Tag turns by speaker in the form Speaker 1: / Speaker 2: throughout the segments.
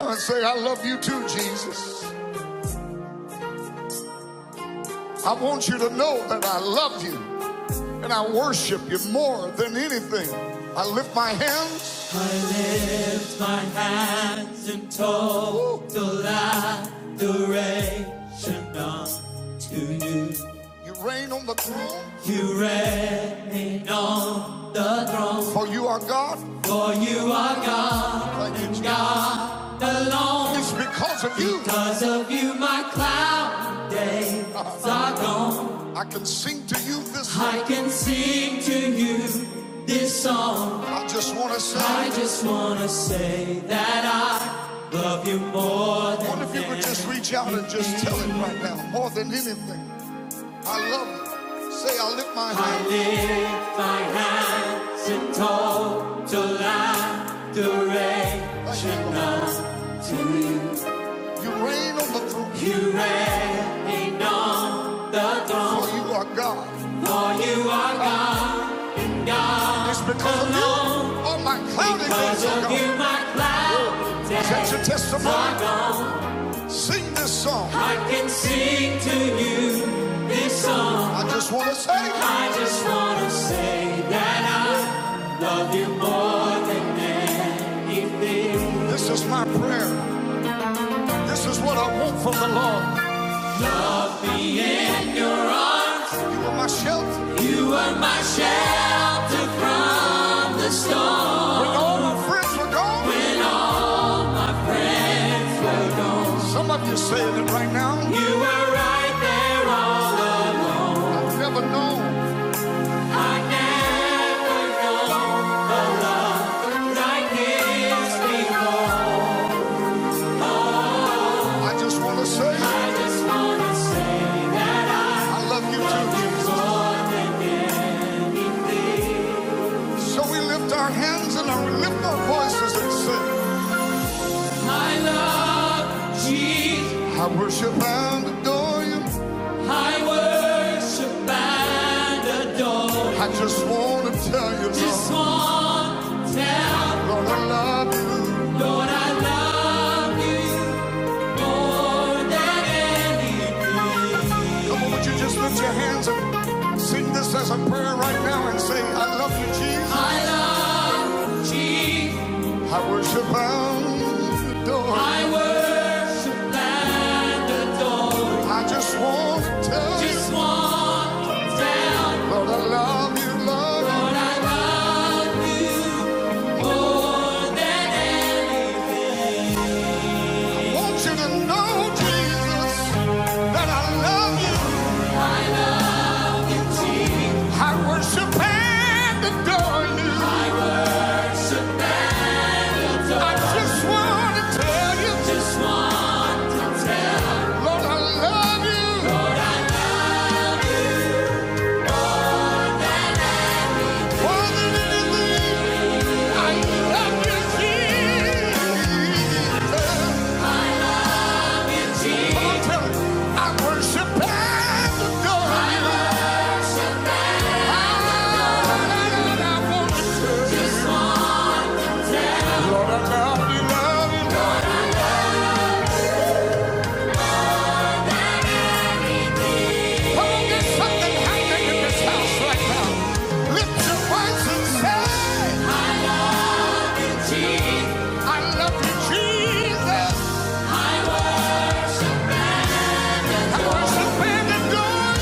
Speaker 1: and say, I love you too, Jesus. I want you to know that I love you and I worship you more than anything. I lift my hands stands in total adoration unto you. You reign on the throne, You reign on the throne, for you are God. for you are God Thank you, and God alone. It's because of you Because of you, my cloud days are gone. I can sing to you this song. I can sing to you this song. I just want to say, I just wanna say that I love you more than I wonder if you could just reach out and just tell it right now, more than anything. I love you. Say, I lift my hands. I lift my hands in total Thank you, adoration unto you. You reign on the throne, You reign on the for throne. For you are God. You are It's because oh, of you no, Oh my cloud, because of you. My cloud. That's your testimony? Sing this song. I can sing to you this song. I just want to say, I just wanna say that I love you more. this is my prayer. This is what I want from the Lord. You are my shelter. You are my shelter from the storm. When all my friends were gone, some of you saying it right now. You were right there all along. I've never known. I never like this before. I just want to say, I just want to say. I love you too, Jesus. So we lift our hands and we lift our voices and say, I love Jesus. I worship and adore you. I worship and adore you. I just want to tell you, Just want to tell you. Lord, I love you. Lord, I love you. Come on, would you just lift your hands up? Sing this as a prayer right now and say, I love you, Jesus. I love Jesus. I worship and adore. I worship and adore. I just want to tell you. just want to tell you. Lord, I love you, Lord. Lord, I love you. more than any. Want you to know, Jesus, that I love you. I worship and adore you. I just want to tell you, Lord, I love you. More than anything, I love you, Jesus. Come on, tell me. I worship and adore you. Lord, I love you, love you. Come on, get something happening in this house right now. Lift your voice and say, I love you, Jesus. I worship and adore you.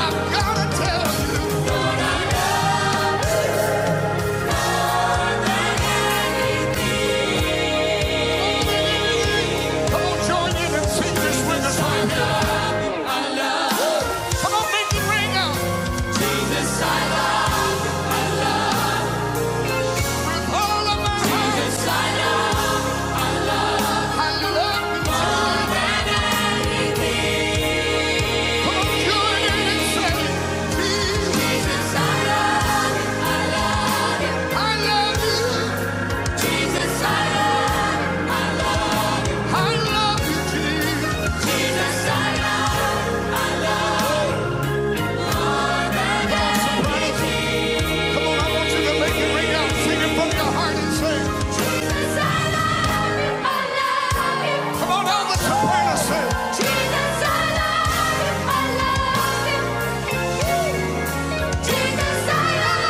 Speaker 1: I love you, Jesus. Come on, I want you to make it ring out. Sing it from your heart and say, Jesus, I love you, I love you. Come on, all the soprano Jesus, I love you, I love you. Jesus, I love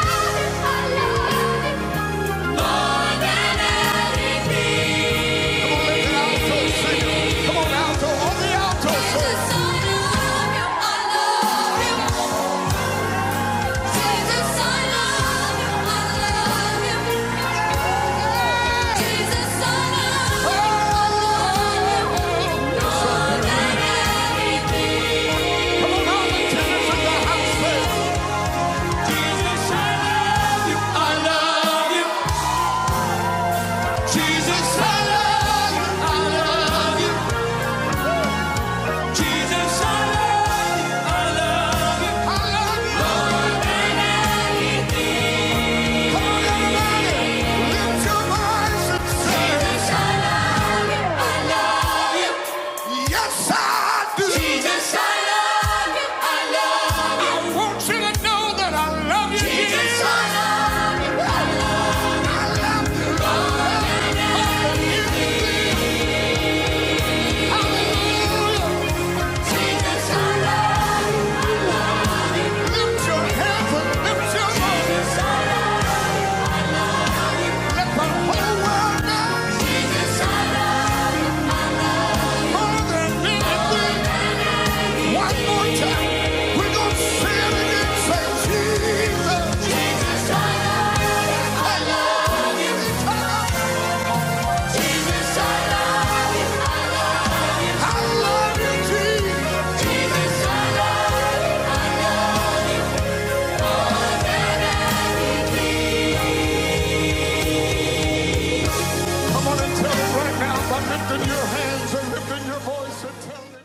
Speaker 1: Come on, alto on, alto, the alto say, Jesus, I love you, I love you. I love you. Yes, I do. Jesus, I love you. I love you. I want you to know that I love you. Jesus, Jesus. I love you. I love you. I love you, Lord. Oh, you Jesus, I love you. Lift your hands and lift your voice. Jesus, I love you. Let the whole world know more than anything. One more time. We're going to sing and say, Jesus. I love you, I love you, Jesus. Come on and tell him right now by lifting your hands and lifting your voice and tell him.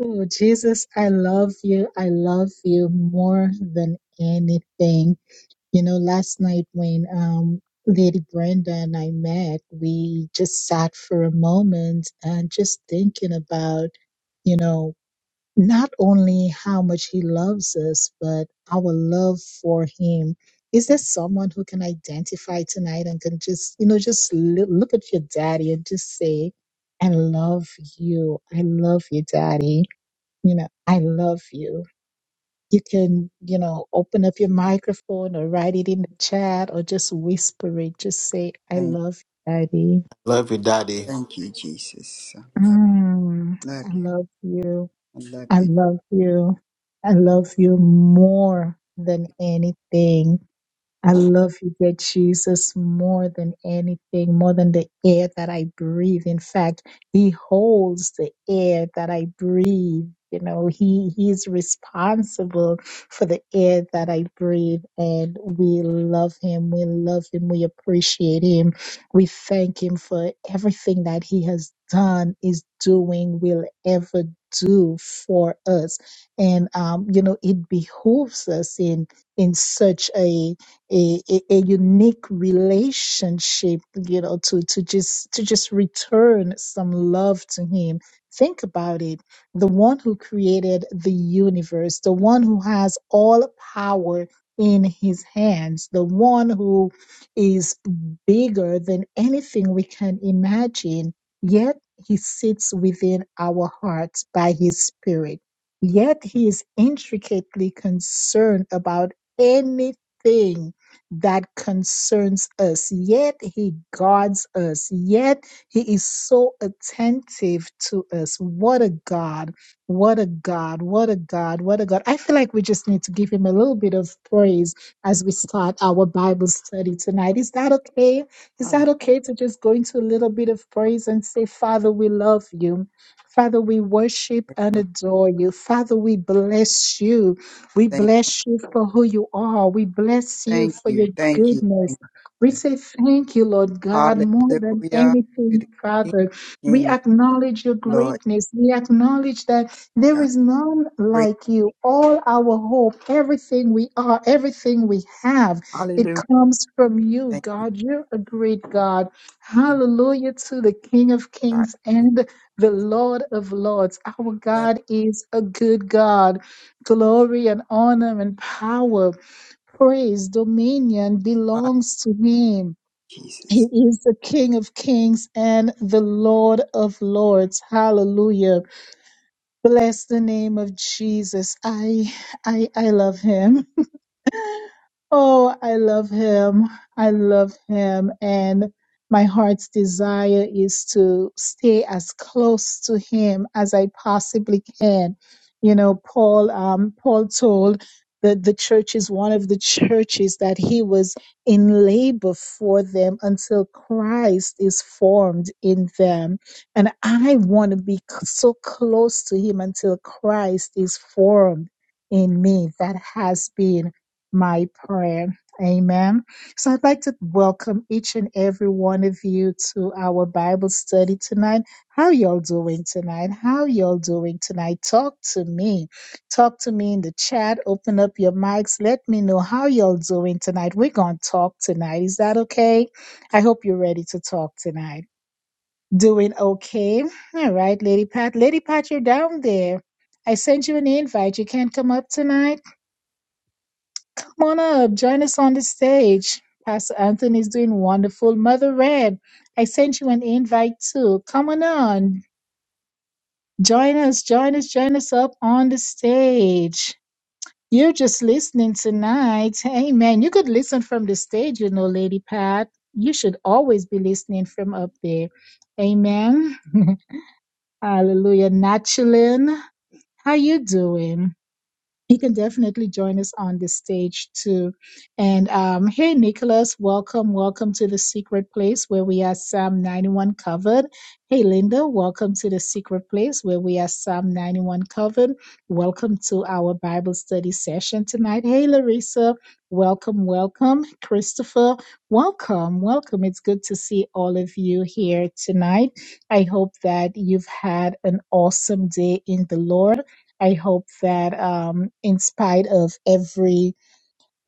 Speaker 2: Oh, Jesus, I love you. I love you more than anything. You know, last night when um, Lady Brenda and I met, we just sat for a moment and just thinking about, you know, not only how much he loves us, but our love for him. Is there someone who can identify tonight and can just, you know, just loo- look at your daddy and just say, I love you. I love you, daddy you know, I love you. You can, you know, open up your microphone or write it in the chat or just whisper it. Just say, I
Speaker 3: Thank,
Speaker 2: love you, Daddy.
Speaker 4: Love you, Daddy.
Speaker 3: thank you, Jesus. I love,
Speaker 2: Mm,
Speaker 3: love
Speaker 2: I
Speaker 3: you.
Speaker 2: love you.
Speaker 3: I love
Speaker 2: I
Speaker 3: you.
Speaker 2: love you. I love you more than anything. I love you, good Jesus, more than anything, more than the air that I breathe. In fact, He holds the air that I breathe. You know, He He's responsible for the air that I breathe. And we love Him. We love Him. We appreciate Him. We thank Him for everything that He has done, is doing, will ever do for us. And um, you know, it behooves us in in such a a, a, a unique relationship, you know, to, to just to just return some love to him. Think about it. The one who created the universe, the one who has all power in his hands, the one who is bigger than anything we can imagine, yet he sits within our hearts by his spirit. Yet he is intricately concerned about anything that concerns us. Yet he guards us. Yet he is so attentive to us. What a God. What a God. What a God. What a God. I feel like we just need to give him a little bit of praise as we start our Bible study tonight. Is that okay? Is
Speaker 3: Hallelujah.
Speaker 2: that okay to just go into a little bit of praise and say, Father, we love you. Father, we worship
Speaker 3: Thank
Speaker 2: and
Speaker 3: you.
Speaker 2: adore you. Father, we bless you. We
Speaker 3: Thank you.
Speaker 2: bless you for who you are. We bless you
Speaker 3: Thank
Speaker 2: for
Speaker 3: you.
Speaker 2: your
Speaker 3: Thank
Speaker 2: goodness.
Speaker 3: you,
Speaker 2: We
Speaker 3: Father.
Speaker 2: say thank you, Lord God, more than
Speaker 3: Hallelujah to
Speaker 2: anything,
Speaker 3: the King,
Speaker 2: Father. We
Speaker 3: King
Speaker 2: acknowledge your
Speaker 3: Lord
Speaker 2: greatness. We acknowledge that there
Speaker 3: God.
Speaker 2: is none
Speaker 3: Great.
Speaker 2: like you. All our hope, everything we are, everything we have, it
Speaker 3: Hallelujah.
Speaker 2: comes from you,
Speaker 3: Thank you.
Speaker 2: God. You're a great God.
Speaker 3: Jesus.
Speaker 2: Hallelujah to the King of
Speaker 3: You are
Speaker 2: Kings
Speaker 3: everything.
Speaker 2: and the
Speaker 3: I
Speaker 2: Lord of Lords. Our
Speaker 3: love you.
Speaker 2: God is a good God glory and honor and power, praise, dominion
Speaker 3: Hallelujah,
Speaker 2: belongs to him. He
Speaker 3: Jesus.
Speaker 2: is the King of kings and the Lord of lords. Hallelujah. Bless the name of Jesus. I I I love him. Oh, I love him. I love him. And my heart's desire is to stay as close to him as I possibly can. You know, Paul, um, Paul told that the churches, one of the churches that he was in labor for them until Christ is formed in them. And I want to be c- so close to him until Christ is formed in me. That has been my prayer. Amen. So I'd like to welcome each and every one of you to our Bible study tonight. How y'all doing tonight? How y'all doing tonight? Talk to me. Talk to me in the chat. Open up your mics. Let me know how y'all doing tonight. We're going to talk tonight. Is that okay? I hope you're ready to talk tonight. Doing okay. All right, Lady Pat. Lady Pat, you're down there. I sent you an invite. You can't come up tonight. Come on up, join us on the stage. Pastor Anthony is doing wonderful. Mother Red, I sent you an invite too. Come on on, join us, join us, join us up on the stage. You're just listening tonight. Amen. You could listen from the stage, you know, Lady Pat. You should always be listening from up there. Amen. Hallelujah. Natchalin, how you doing? you can definitely join us on the stage too. And um, hey, Nicholas, welcome, welcome to the secret place where we are Psalm 91 covered. Hey, Linda, welcome to the secret place where we are Psalm 91 covered. Welcome to our Bible study session tonight. Hey, Larissa, welcome, welcome. Christopher, welcome, welcome. It's good to see all of you here tonight. I hope that you've had an awesome day in the Lord. I hope that um, in spite of every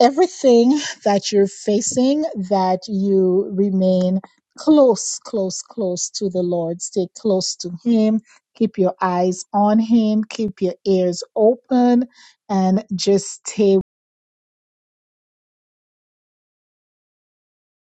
Speaker 2: everything that you're facing, that you remain close, close, close to the Lord. Stay close to Him. Keep your eyes on Him. Keep your ears open, and just stay